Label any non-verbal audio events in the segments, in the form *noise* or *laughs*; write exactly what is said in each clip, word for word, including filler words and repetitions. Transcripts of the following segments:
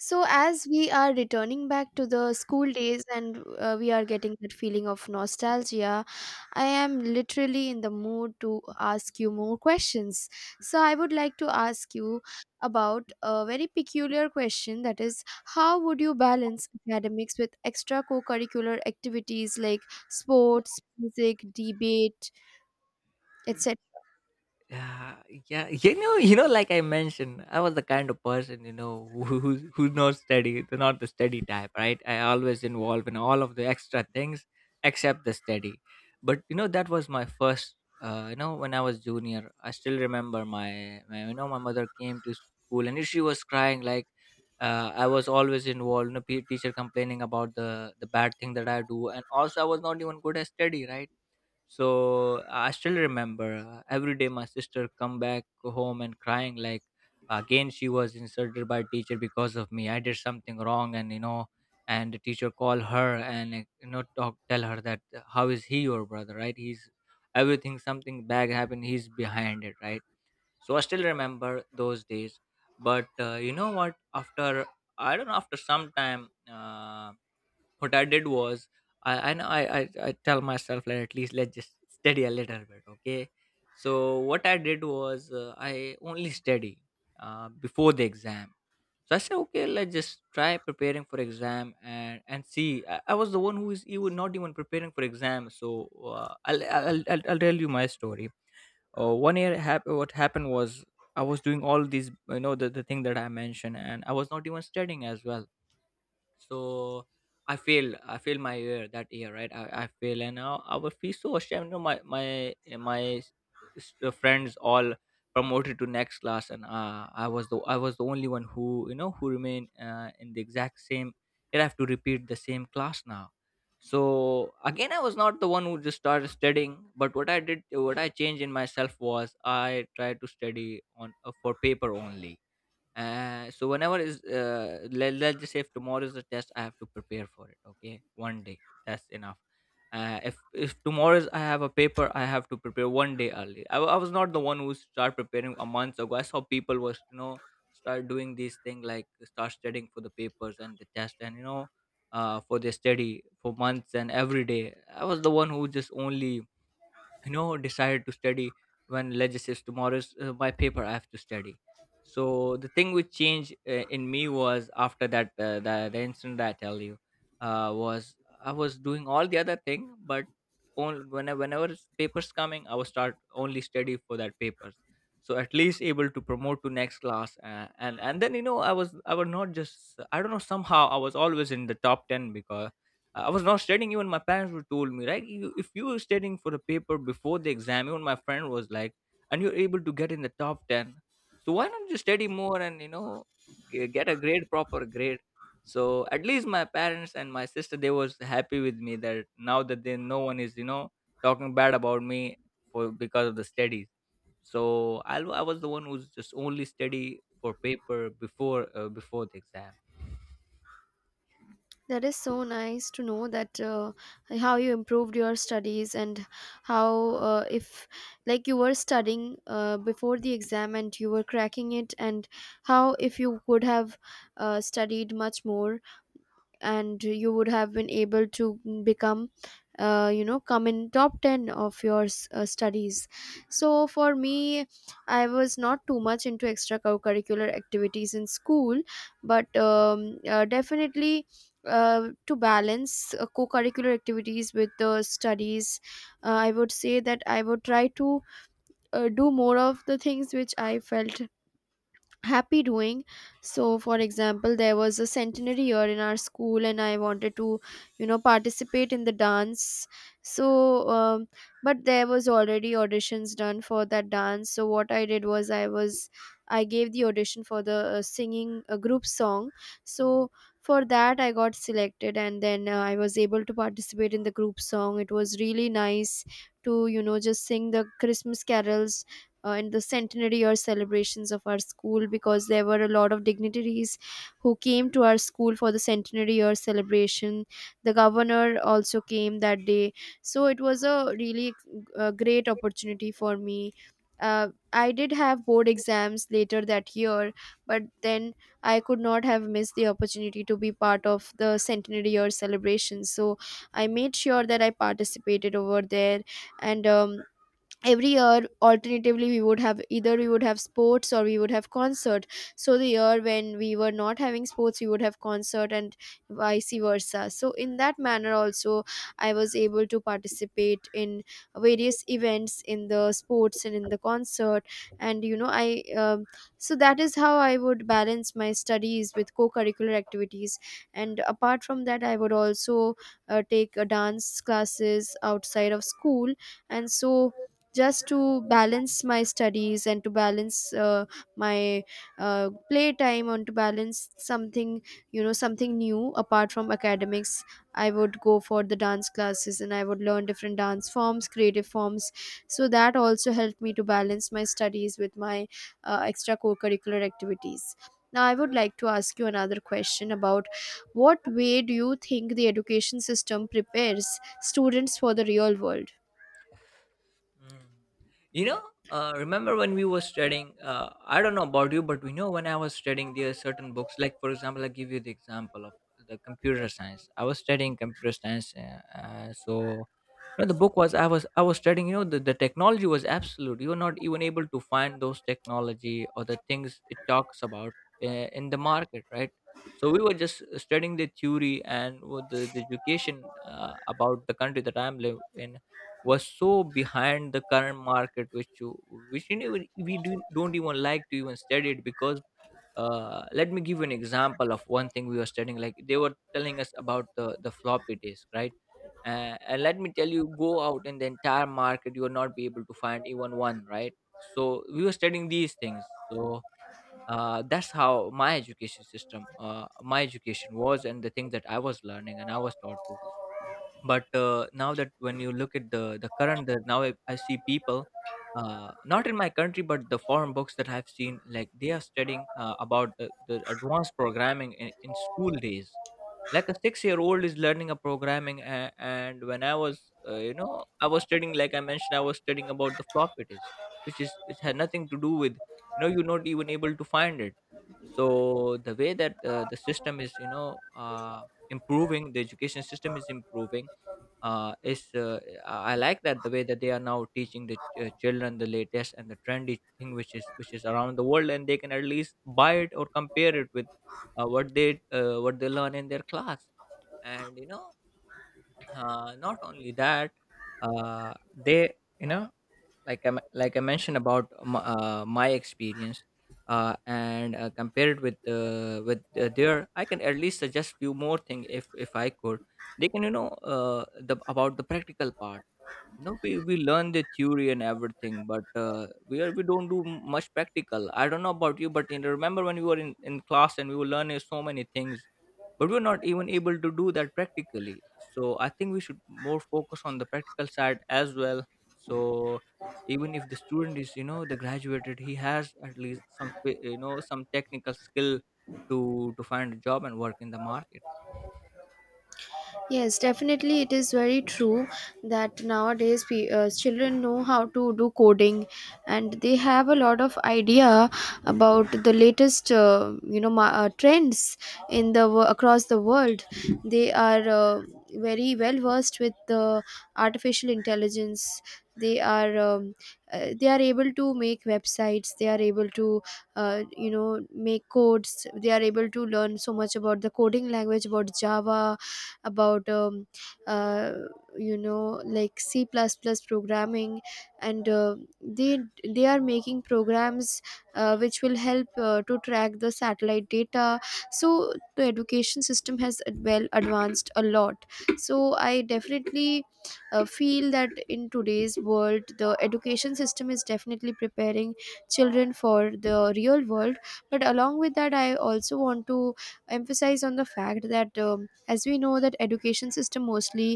So, as we are returning back to the school days and uh, we are getting that feeling of nostalgia, I am literally in the mood to ask you more questions. So, I would like to ask you about a very peculiar question, that is, how would you balance academics with extra co curricular activities like sports, music, debate, etcetera? Yeah, yeah. You know, you know, like I mentioned, I was the kind of person, you know, who who who's not steady, not the steady type, right? I always involve in all of the extra things except the steady. But you know, that was my first. Uh, you know, when I was junior, I still remember my, my you know, my mother came to school and she was crying like. Uh, I was always involved. You know, pe- teacher complaining about the the bad thing that I do, and also I was not even good at study, right? So I still remember uh, every day my sister come back home and crying like again she was insulted by teacher because of me. I did something wrong, and you know and the teacher call her and uh, you know talk tell her that, uh, how is he your brother, right? He's everything, something bad happened, he's behind it, right? So I still remember those days. But uh, you know what? After, I don't know, after some time, Uh, what I did was, I and I, I I tell myself, like at least let's just study a little bit, okay. So what I did was, uh, I only study uh, before the exam. So I said, okay, let's just try preparing for exam and and see. I, I was the one who is even not even preparing for exam. So uh, I'll, I'll I'll I'll tell you my story. Uh, one year, hap- what happened was, I was doing all these, you know the, the thing that I mentioned, and I was not even studying as well, so i failed i failed my year that year, right? I, I failed, and now I was, feel so ashamed, you know, my my eh, my s- uh, friends all promoted to next class, and uh, i was the i was the only one who, you know who remained, uh, in the exact same. I have to repeat the same class now. So again I was not the one who just started studying, but what I did, what I changed in myself was, I tried to study on, uh, for paper only. Uh, so whenever is, uh, let, let's just say, if tomorrow is a test I have to prepare for it, okay, one day that's enough. Uh, if if tomorrow is, I have a paper, I have to prepare one day early. I, wa- I was not the one who started preparing a month ago. I saw people was, you know start doing these thing, like start studying for the papers and the test, and you know uh, for their study for months. And every day I was the one who just only, you know decided to study when ledger says tomorrow is, uh, my paper, I have to study. So the thing which changed, uh, in me, was after that, uh, the, the incident that I tell you, uh, was, I was doing all the other thing, but only whenever, whenever it's papers coming, I would start only study for that papers. So at least able to promote to next class. Uh, and and then, you know i was i was not just, I don't know, somehow I was always in the top ten, because uh, I was not studying. Even my parents would told me, right? You, if you were studying for a paper before the exam, even my friend was like, and you're able to get in the top ten, so why not you study more, and you know g- get a grade, proper grade? So at least my parents and my sister, they was happy with me, that now that they, no one is, you know talking bad about me for because of the studies. So I, I was the one who's just only study for paper before, uh, before the exam. That is so nice to know that uh, how you improved your studies and how uh, if like you were studying uh, before the exam and you were cracking it, and how if you would have uh, studied much more and you would have been able to become uh, you know come in top ten of your s- uh, studies. So for me, I was not too much into extracurricular activities in school, but um, uh, definitely, uh, to balance uh, co-curricular activities with the studies, uh, I would say that I would try to uh, do more of the things which I felt happy doing. So for example, there was a centenary year in our school and I wanted to, you know, participate in the dance. so um, but there was already auditions done for that dance, so what I did was, I was, I gave the audition for the uh, singing a group song. So for that I got selected, and then uh, I was able to participate in the group song. It was really nice to, you know, just sing the christmas carols uh, and the centenary or celebrations of our school, because there were a lot of dignitaries who came to our school for the centenary or celebration. The governor also came that day, so it was a really uh, great opportunity for me. uh, I did have board exams later that year, but then I could not have missed the opportunity to be part of the centenary year celebration, so I made sure that I participated over there. And um, Every year alternatively we would have, either we would have sports or we would have concert. So the year when we were not having sports we would have concert and vice versa. So in that manner also I was able to participate in various events in the sports and in the concert. And you know I um, so that is how I would balance my studies with co-curricular activities. And apart from that, I would also uh, take uh, dance classes outside of school. And so, just to balance my studies and to balance uh, my uh, play time, and to balance something, you know, something new apart from academics, I would go for the dance classes and I would learn different dance forms, creative forms. So that also helped me to balance my studies with my uh, extra co-curricular activities. Now I would like to ask you another question about what way do you think the education system prepares students for the real world. Mm. You know, uh, remember when we were studying? Uh, I don't know about you, but we know when I was studying there are certain books. Like for example, I give you the example of the computer science. I was studying computer science. Uh, uh, so you know the book was, I was I was studying. You know, the, the technology was absolute. You were not even able to find those technology or the things it talks about, uh, in the market, right? So we were just, uh, studying the theory, and with the, the education, uh, about the country that I'm live in, was so behind the current market, which you which you never, we do, don't even like to even study it, because uh, let me give you an example of one thing we were studying, like they were telling us about the the floppy disk, right? Uh, and let me tell you, go out in the entire market, you will not be able to find even one, right? So we were studying these things, so uh, that's how my education system, uh, my education was, and the things that I was learning and I was taught to. But uh, now that, when you look at the the current, that now I, I see people, uh, not in my country, but the foreign books that I've seen, like they are studying, uh, about the, the advanced programming in, in school days, like a six year old is learning a programming. A- and when I was, uh, you know I was studying, like I mentioned, I was studying about the floppy disk, which is which had nothing to do with, you know you're not even able to find it. So the way that, uh, the system is, you know uh, improving, the education system is improving, uh, is uh, I I like that the way that they are now teaching the, uh, children, the latest and the trendy thing, which is which is around the world, and they can at least buy it or compare it with, uh, what they uh, what they learn in their class. And you know, uh, not only that, uh, they, you know like I, m- like I mentioned about m- uh, my experience. Uh, and uh, compare it with, uh, with uh, their. I can at least suggest few more things, if if I could. They can, you know uh, the about the practical part. you know we, we learn the theory and everything, but uh, we are we don't do m- much practical. I don't know about you, but in, remember when we were in, in class and we were learning so many things, but we are not even able to do that practically, so I think we should more focus on the practical side as well. So even if the student is, you know the graduated, he has at least some fi- you know some technical skill to to find a job and work in the market. Yes, definitely, it is very true that nowadays pe- uh, children know how to do coding, and they have a lot of idea about the latest, uh, you know, ma- uh, trends in the wo- across the world. They are uh, very well versed with the artificial intelligence. They are um, uh, they are able to make websites. They are able to, uh, you know, make codes. They are able to learn so much about the coding language, about Java, about um, uh, you know, like c++ programming, and uh, they they are making programs uh, which will help uh, to track the satellite data. So the education system has ad- well advanced a lot. So I definitely uh, feel that in today's world the education system is definitely preparing children for the real world. But along with that, I also want to emphasize on the fact that um, as we know that education system mostly,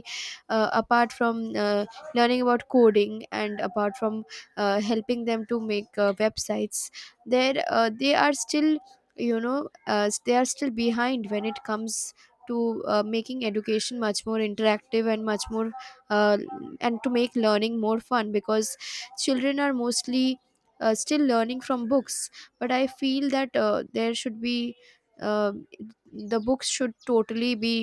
uh, apart from uh, learning about coding and apart from uh, helping them to make uh, websites, there uh, they are still, you know, uh, they are still behind when it comes to uh, making education much more interactive and much more uh, and to make learning more fun, because children are mostly uh, still learning from books. But I feel that uh, there should be uh, the books should totally be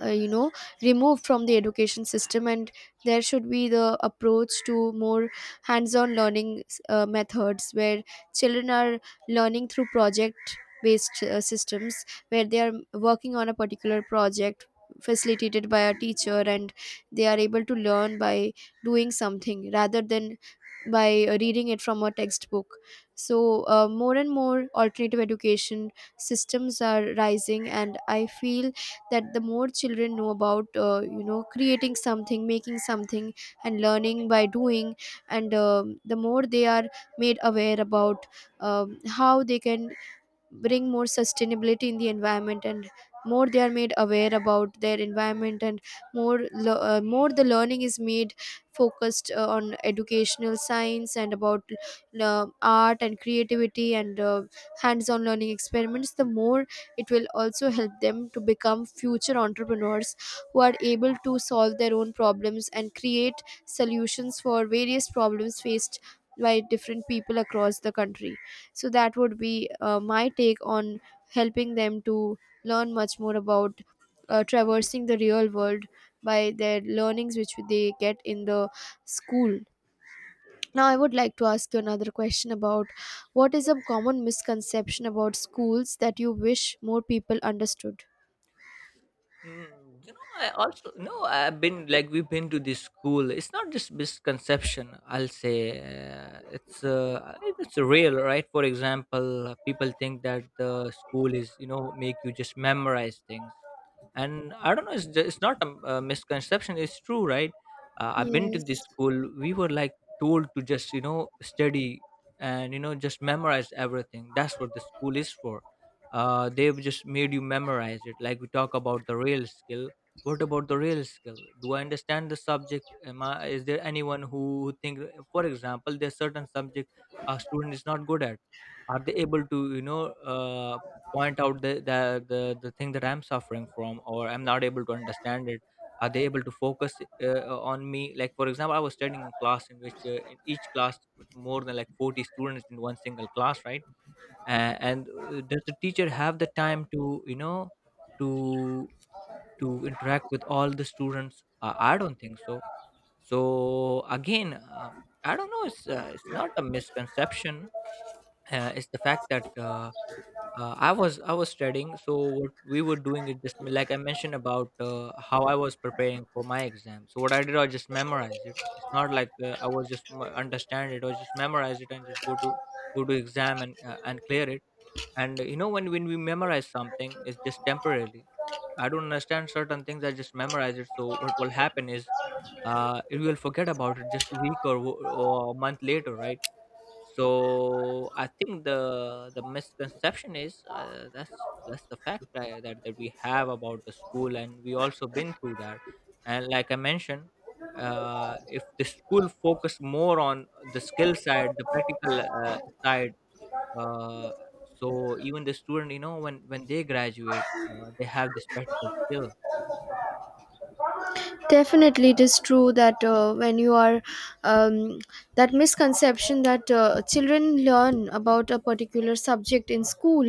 uh, you know removed from the education system, and there should be the approach to more hands-on learning uh, methods where children are learning through project based uh, systems, where they are working on a particular project, facilitated by a teacher, and they are able to learn by doing something rather than by uh, reading it from a textbook. So uh, more and more alternative education systems are rising, and I feel that the more children know about uh, you know creating something, making something, and learning by doing, and um the more they are made aware about um, how they can bring more sustainability in the environment, and more they are made aware about their environment, and more le- uh, more the learning is made focused uh, on educational science, and about uh, art and creativity, and uh, hands-on learning experiments, the more it will also help them to become future entrepreneurs who are able to solve their own problems and create solutions for various problems faced by different people across the country. So that would be uh, my take on helping them to learn much more about uh, traversing the real world by their learnings which they get in the school. Now I would like to ask you another question about what is a common misconception about schools that you wish more people understood. Mm, you know, I also no. I've been like we've been to this school. It's not just misconception, I'll say. uh, it's uh, it's real, right? For example, uh, people think that the school is, you know make you just memorize things, and I don't know. It's just, it's not a, m- a misconception. It's true, right? Uh, I've been to this Yes. school. We were like told to just, you know study, and you know just memorize everything. That's what the school is for. Uh, they've just made you memorize it. Like we talk about the real skill, what about the real skill? Do I understand the subject? Am I Is there anyone who think, for example, there's certain subject a student is not good at, are they able to, you know uh, point out the, the the the thing that I'm suffering from or I'm not able to understand it? Are they able to focus, uh, on me? Like for example, I was studying in class in which, uh, in each class was more than like forty students in one single class, right? uh, and uh, does the teacher have the time to, you know to to interact with all the students? uh, I don't think so. So again, um, I don't know, it's uh, it's not a misconception. uh, it's the fact that, uh, uh, i was i was studying, so what we were doing is just, like I mentioned about, uh, how I was preparing for my exam. So what I did, I just memorized it. It's not like, uh, I was just, m- understand it or just memorize it, and just go to go to exam, and uh, and clear it. And you know when when we memorize something, it's just temporarily. I don't understand certain things, I just memorize it, so what will happen is, uh you will forget about it just a week or, wo- or a month later, right? So I think the the misconception is, uh, that's that's the fact that, that that we have about the school, and we also been through that. And like I mentioned, uh, if the school focus more on the skill side, the practical uh, side. uh, so even the student, you know, when when they graduate, uh, they have this practical skill. Definitely, it is true that uh, when you are um, that misconception that uh, children learn about a particular subject in school,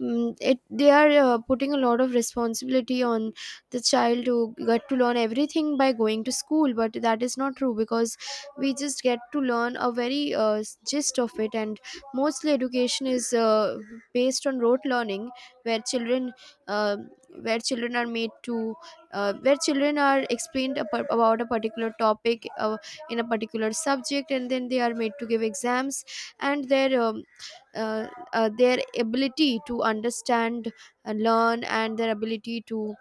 um, it they are uh, putting a lot of responsibility on the child to get to learn everything by going to school. But that is not true, because we just get to learn a very uh, gist of it, and mostly education is uh, based on rote learning, where children uh, where children are made to uh, where children are explained a par- about a particular topic uh, in a particular subject, and then they are made to give exams, and their um, uh, uh, their ability to understand, uh, learn, and their ability to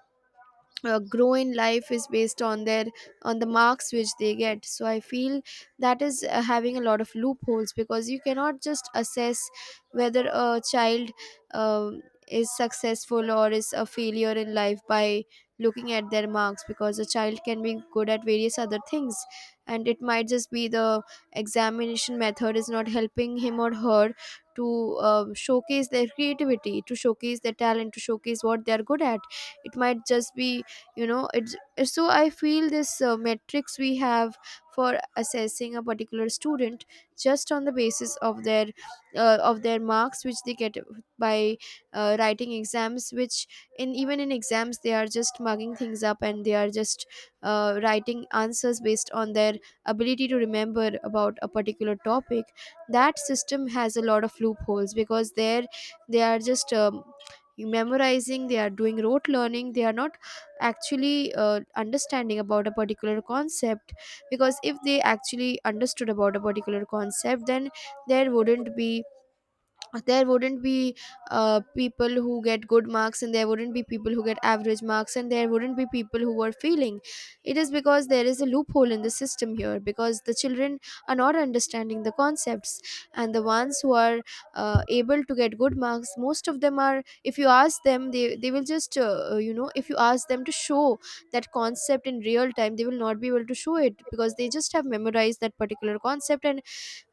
uh, grow in life is based on their, on the marks which they get. So I feel that is uh, having a lot of loopholes, because you cannot just assess whether a child um is successful or is a failure in life by looking at their marks, because a child can be good at various other things, and it might just be the examination method is not helping him or her to um, showcase their creativity, to showcase their talent, to showcase what they are good at. It might just be, you know, it's, so I feel this uh, metrics we have for assessing a particular student just on the basis of their uh, of their marks which they get by uh, writing exams, which in, even in exams they are just mugging things up, and they are just uh, writing answers based on their ability to remember about a particular topic. That system has a lot of loopholes, because there they are just um, memorizing, they are doing rote learning, they are not actually uh, understanding about a particular concept. Because if they actually understood about a particular concept, then there wouldn't be there wouldn't be uh, people who get good marks, and there wouldn't be people who get average marks, and there wouldn't be people who are failing. It is because there is a loophole in the system here, because the children are not understanding the concepts. And the ones who are uh, able to get good marks, most of them are, if you ask them, they, they will just uh, uh, you know, if you ask them to show that concept in real time, they will not be able to show it, because they just have memorized that particular concept, and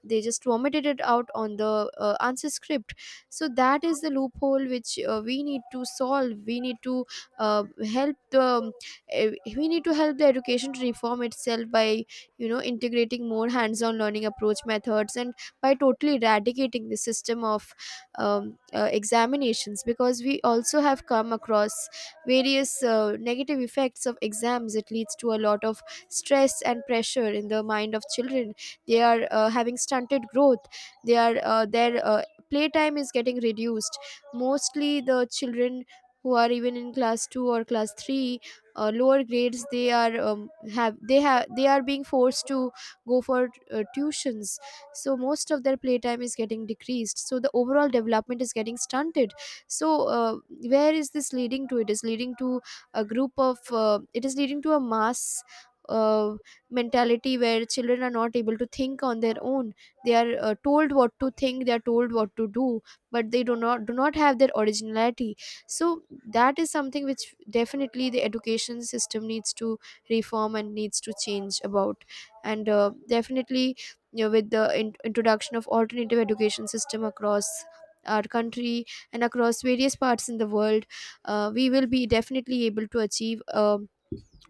they just vomited it out on the uh, answer script. So that is the loophole which uh, we need to solve. We need to uh, help the um, eh, we need to help the education to reform itself by, you know, integrating more hands on learning approach methods, and by totally eradicating the system of um, uh, examinations. Because we also have come across various uh, negative effects of exams. It leads to a lot of stress and pressure in the mind of children. They are uh, having stunted growth, they are uh, their uh, playtime is getting reduced. Mostly the children who are even in class two or class three, uh, lower grades, they are um, have they have they are being forced to go for uh, tuitions, so most of their playtime is getting decreased, so the overall development is getting stunted. So uh, where is this leading to? It is leading to a group of uh, it is leading to a mass uh, mentality where children are not able to think on their own. They are uh, told what to think, they are told what to do, but they do not do not have their originality. So that is something which definitely the education system needs to reform and needs to change about. And uh, definitely, you know, with the in- introduction of alternative education system across our country and across various parts in the world, uh, we will be definitely able to achieve um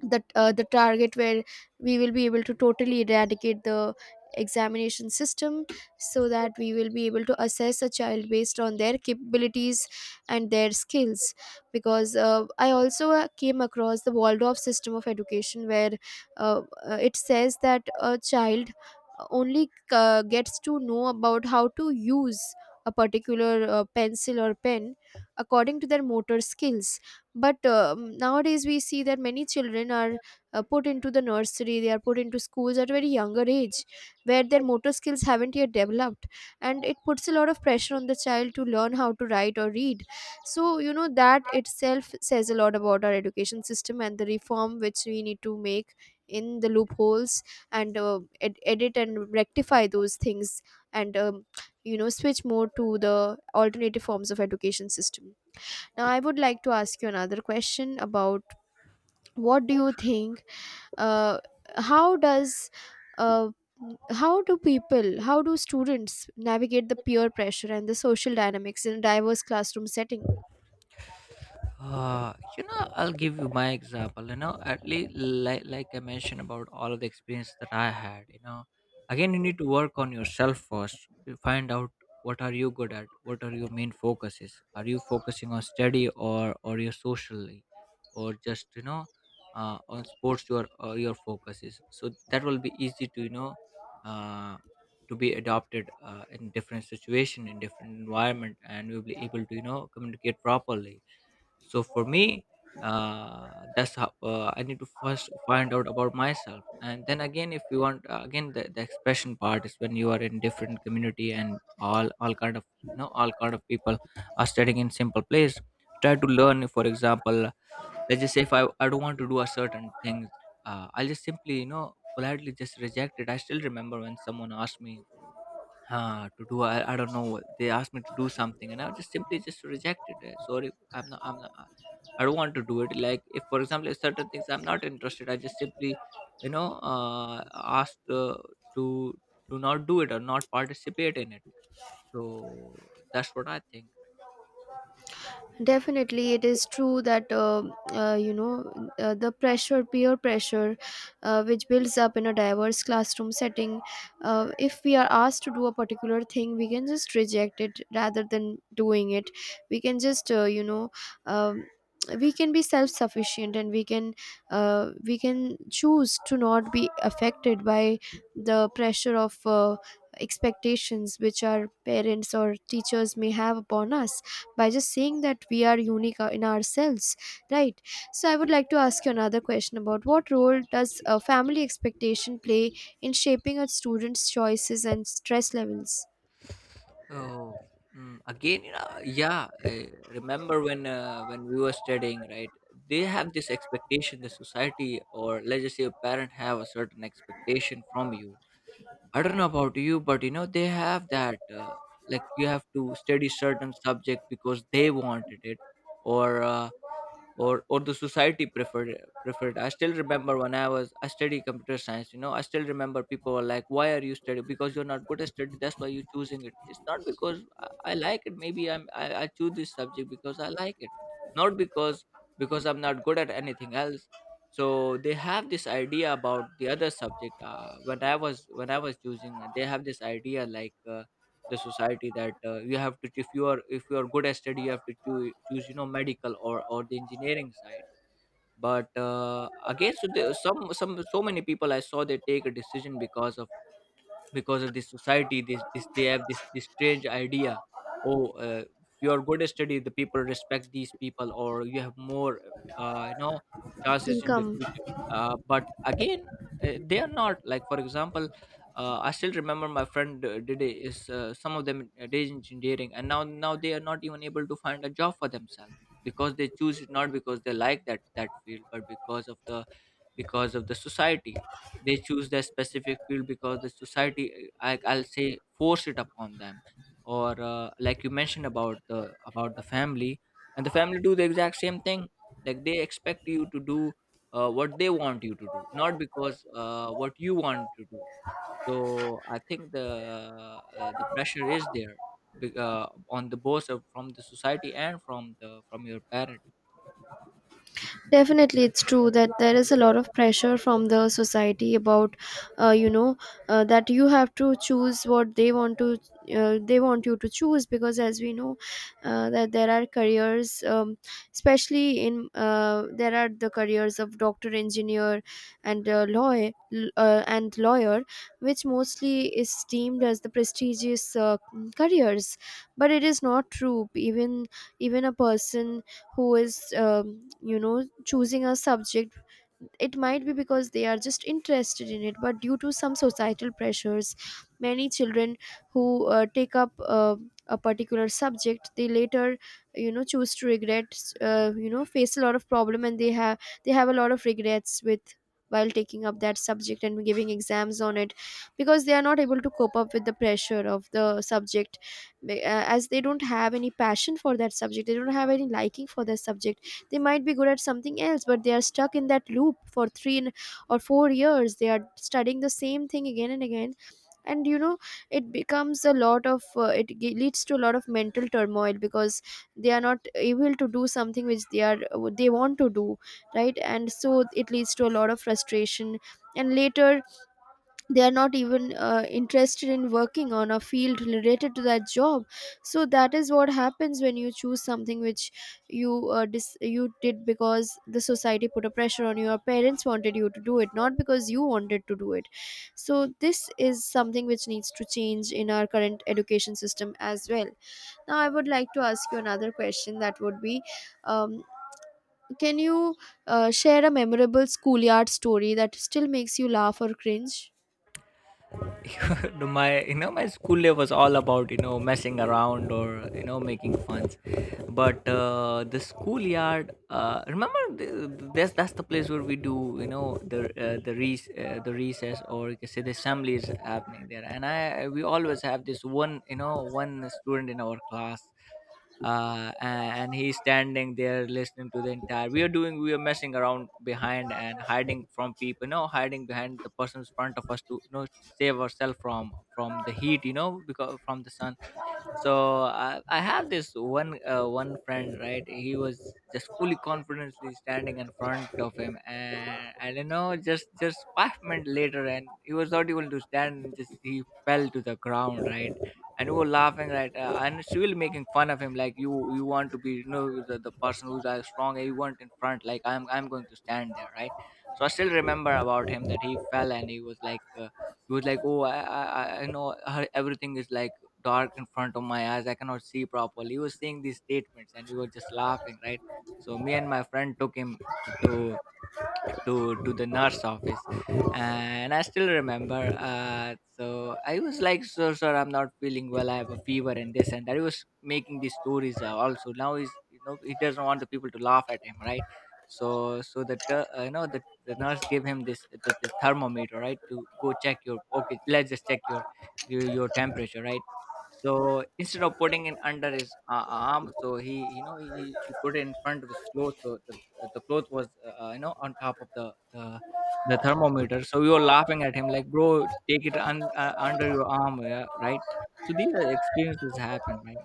the uh, the target where we will be able to totally eradicate the examination system, so that we will be able to assess a child based on their capabilities and their skills. Because uh, I also uh, came across the Waldorf system of education, where uh, uh, it says that a child only uh, gets to know about how to use a particular uh, pencil or pen according to their motor skills. But um, nowadays we see that many children are uh, put into the nursery, they are put into schools at a very younger age where their motor skills haven't yet developed, and it puts a lot of pressure on the child to learn how to write or read. So you know, that itself says a lot about our education system and the reform which we need to make in the loopholes, and uh, ed- edit and rectify those things, and um, you know, switch more to the alternative forms of education system. Now, I would like to ask you another question about what do you think? Uh, how does uh, how do people, how do students navigate the peer pressure and the social dynamics in a diverse classroom setting? Uh, you know, I'll give you my example. You know, at least like like I mentioned about all of the experience that I had. You know, again, you need to work on yourself first. You find out what are you good at. What are your main focuses? Are you focusing on study, or or your socially, or just you know, uh, on sports your uh, your focus is. So that will be easy to, you know, uh, to be adopted uh, in different situation, in different environment, and you'll be able to, you know, communicate properly. So for me, uh, that's how, uh, I need to first find out about myself, and then again, if you want, uh, again, the, the expression part is when you are in different community, and all all kind of, you know, all kind of people are studying in simple place. Try to learn, for example, let's just say if i, I don't want to do a certain thing, uh, I'll just simply, you know, politely just reject it. I still remember when someone asked me uh, to do, I, I don't know, they asked me to do something, and I just simply just rejected it. Sorry, i'm not i'm not uh, I don't want to do it. Like if, for example, if certain things I'm not interested, I just simply, you know, uh, asked uh, to to not do it or not participate in it. So that's what I think. Definitely, it is true that uh, uh, you know, uh, the pressure, peer pressure, uh, which builds up in a diverse classroom setting. Uh, if we are asked to do a particular thing, we can just reject it rather than doing it. We can just uh, you know. Um, we can be self-sufficient, and we can uh, we can choose to not be affected by the pressure of uh, expectations which our parents or teachers may have upon us, by just saying that we are unique uh, in ourselves, right? So I would like to ask you another question about what role does uh, family expectation play in shaping a student's choices and stress levels, Oh. mm, again, you know, yeah, I remember when uh, when we were studying, right, they have this expectation, the society, or let's just say a parent, have a certain expectation from you. I don't know about you, but you know, they have that, uh, like you have to study certain subject because they wanted it, or uh, or or the society preferred, preferred. I still remember when i was I study computer science. You know, I still remember people were like, why are you studying, because you're not good at study, that's why you're choosing it. It's not because i, I like it. Maybe i'm I, I choose this subject because I like it, not because because I'm not good at anything else. So they have this idea about the other subject uh, when I was when I was choosing. Uh, they have this idea like, uh, the society that, uh, you have to, if you are, if you are good at study, you have to choose, choose you know, medical or or the engineering side. But uh, again, so there, some some so many people I saw, they take a decision because of because of this society, this, this they have this, this strange idea. Oh uh, if you're good at study, the people respect these people, or you have more, uh, you know, chances in the income? future. Uh, but again, uh, they are not, like for example, uh, I still remember my friend, uh, did a- is uh, some of them uh, did engineering, and now now they are not even able to find a job for themselves, because they choose it, not because they like that that field, but because of the, because of the society. They choose their specific field because the society, I, I'll say, force it upon them. Or uh, like you mentioned about the about the family, and the family do the exact same thing. Like they expect you to do uh, what they want you to do, not because uh, what you want to do. So I think the, uh, the pressure is there, be- uh, on the both of, from the society and from the from your parents. Definitely, it's true that there is a lot of pressure from the society about, uh, you know, uh, that you have to choose what they want to, uh, they want you to choose, because, as we know, uh, that there are careers, um, especially in uh, there are the careers of doctor, engineer, and uh, lawyer, uh, and lawyer, which mostly is deemed as the prestigious uh, careers. But it is not true. Even even a person who is um, you know, choosing a subject, it might be because they are just interested in it, but due to some societal pressures, many children who uh, take up uh, a particular subject, they later, you know, choose to regret, uh, you know, face a lot of problem, and they have they have a lot of regrets with while taking up that subject and giving exams on it, because they are not able to cope up with the pressure of the subject. Be- uh, as they don't have any passion for that subject, they don't have any liking for that subject, they might be good at something else, but they are stuck in that loop for three n- or four years. They are studying the same thing again and again. And you know, it becomes a lot of, uh, it ge- leads to a lot of mental turmoil, because they are not able to do something which they are, uh, they want to do, right? And so it leads to a lot of frustration. And later, they are not even uh, interested in working on a field related to that job. So that is what happens when you choose something which you uh, dis- you did because the society put a pressure on you, your parents wanted you to do it, not because you wanted to do it. So this is something which needs to change in our current education system as well. Now I would like to ask you another question, that would be, um, can you uh, share a memorable schoolyard story that still makes you laugh or cringe? *laughs* No, my, you know, my school day was all about, you know, messing around or you know, making funs. But uh, the schoolyard, uh, remember th- th- that's that's the place where we do, you know, the uh, the rec- uh, the recess, or you can say the assembly is happening there. And I we always have this one, you know, one student in our class, uh, and he's standing there listening to the entire. We are doing, we are messing around behind and hiding from people, you know, hiding behind the person's front of us to, you know, save ourselves from from the heat, you know, because from the sun. So I, I have this one, uh, one friend, right, he was just fully confidently standing in front of him, and I don't know, just just five minutes later, and he was not able to stand, and just he fell to the ground, right. And we were laughing, right, uh, and she will making fun of him like, you you want to be, you know, the, the person who's as strong, and you want in front, like, I'm I'm going to stand there, right. So I still remember about him, that he fell, and he was like, uh, he was like, oh, I I, I I know her, everything is like dark in front of my eyes, I cannot see properly. He was saying these statements, and we were just laughing, right? So me and my friend took him to to to the nurse office. And I still remember, uh, so I was like, so sir, I'm not feeling well, I have a fever and this and that. He was making these stories, uh, also, now he's, you know, he doesn't want the people to laugh at him, right. So so that, uh, you know, the, the nurse gave him this, the, the thermometer, right, to go check your, okay, let's just check your your, your temperature, right. So instead of putting it under his, uh, arm, so he, you know, he, he he put it in front of his clothes. So uh, the cloth was uh, uh, you know, on top of the the the thermometer. So we were laughing at him like, bro, take it un- uh, under your arm, yeah, right. So these are experiences happen, right.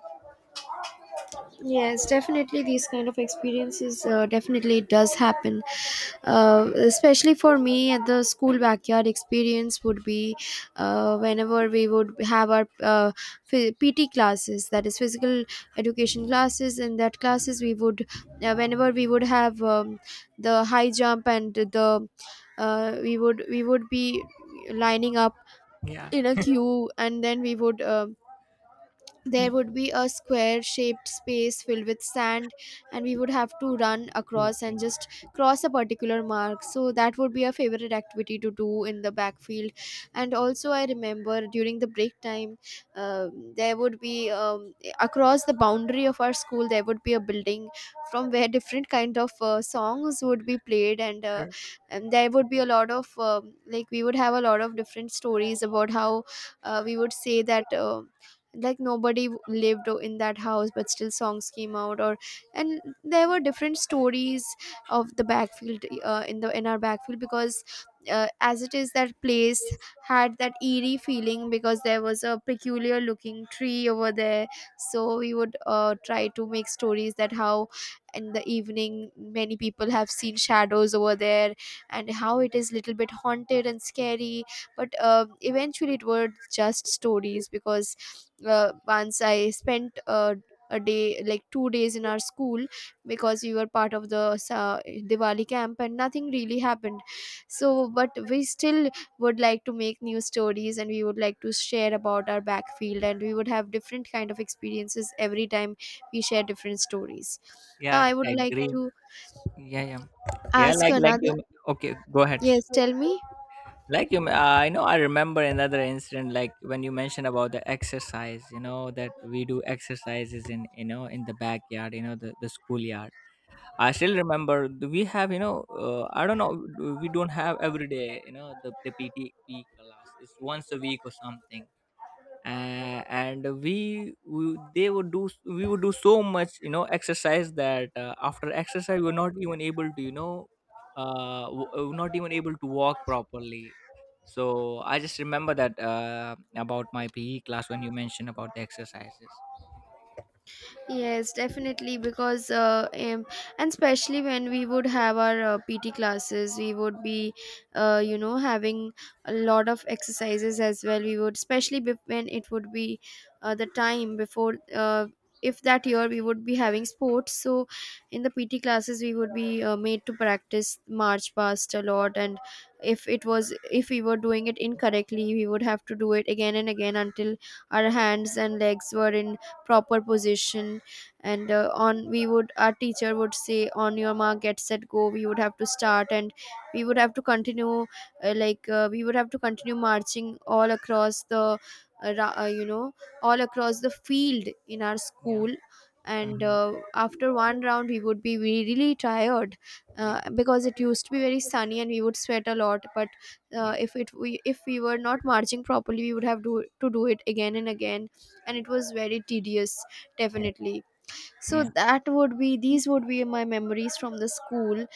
Yes, definitely these kind of experiences, uh, definitely it does happen. Uh, especially for me, at the school backyard experience would be, uh, whenever we would have our uh, phy- P T classes, that is physical education classes. In that classes we would, uh, whenever we would have um, the high jump and the uh, we would we would be lining up Yeah. in a queue, and then we would, uh, there would be a square shaped space filled with sand, and we would have to run Mm, across and yeah. just cross a particular mark. So that would be a favorite activity to do in the backfield. And also I remember during the break time, uh, there would be um, across the boundary of our school there would be a building from where different kind of uh, songs would be played. And, uh, and there would be a lot of um like, we would have a lot of different stories about how, uh, we would say that, uh, like nobody w- lived o- in that house but still songs came out, or, and there were different stories of the backfield, uh, in the in our backfield, because uh, as it is, that place had that eerie feeling because there was a peculiar looking tree over there. So we would uh, try to make stories that how in the evening many people have seen shadows over there, and how it is little bit haunted and scary. But uh, eventually it were just stories, because uh, once I spent uh, a day, like two days in our school, because we were part of the sa- Diwali camp, and nothing really happened. So, but we still would like to make new stories, and we would like to share about our backfield, and we would have different kind of experiences every time we share different stories. Now, Yeah, I I would like agree. to Yeah, yeah. Yeah, ask you like like you, another. okay, go ahead. Yes, tell me. Like you, uh, I know, I remember another incident, like when you mentioned about the exercise, you know, that we do exercises in, you know, in the backyard, you know, the, the schoolyard. I still remember th- we have, you know, uh, I don't know, d- we don't have every day, you know, the the P T P class is once a week or something. Uh, and we, we they would do, s- we would do so much, you know, exercise that, uh, after exercise, we are not even able to, you know, uh w- uh, not even able to walk properly. So I just remember that, uh, about my P E class when you mentioned about the exercises. Yes, definitely, because uh, um, and especially when we would have our uh, P T classes, we would be, uh, you know, having a lot of exercises as well. We would, especially bef- when it would be, uh, the time before. Uh, if that year we would be having sports, so in the P T classes we would be uh, made to practice march past a lot, and if it was, if we were doing it incorrectly, we would have to do it again and again until our hands and legs were in proper position. And uh, on we would, our teacher would say on your mark, get set, go, we would have to start, and we would have to continue, uh, like uh, we would have to continue marching all across the uh, ra- uh, you know, all across the field in our Yeah. school. And Hmm. uh, after one round we would be really tired, Yeah. uh, because it used to be very sunny and we would sweat a lot, but uh, Yeah. if it we if we were not marching properly we would have do, to do it again and again. And Yeah. it was very tedious, definitely. So Yeah. that would be, these would be my memories from the school.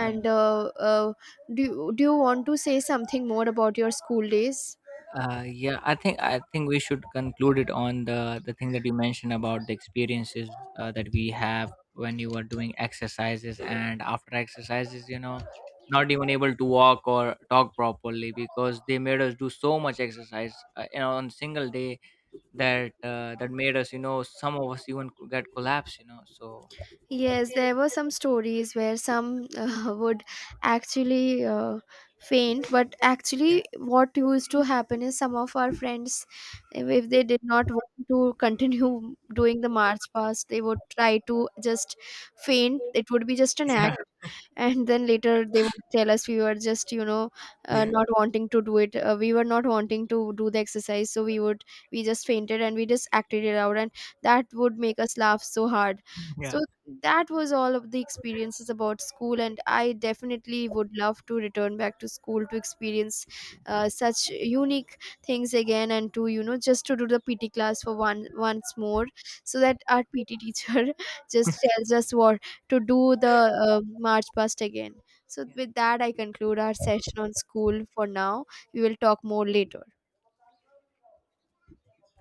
Yeah. uh, uh, do, you- do you want to say something more about your school days? Uh, yeah, I think I think we should conclude it on the the thing that you mentioned about the experiences, uh, that we have, when you are doing exercises and after exercises, you know, not even able to walk or talk properly because they made us do so much exercise, uh, you know, on single day, that uh, that made us, you know, some of us even co- get collapse, you know. So Yes, there were some stories where some *laughs* uh, would actually uh, faint. But yeah, actually what used to happen is, some of our friends, if they did not want to continue *laughs* doing the march past, they would try to just faint. It would be just an yeah, act. And then later they would tell us, we were just, you know, uh, not yeah. wanting to do it, uh, we were not wanting to do the exercise, so we would, we just fainted and we just acted it out. And that would make us laugh so hard. So that was all of the experiences about school, and I definitely would love to return back to school to experience uh, such unique things again, and to, you know, just to do the P T class for one once more, so that our P T teacher *laughs* just tells us what to do, the uh, march past again. So with that I conclude our session on school for now. We will talk more later.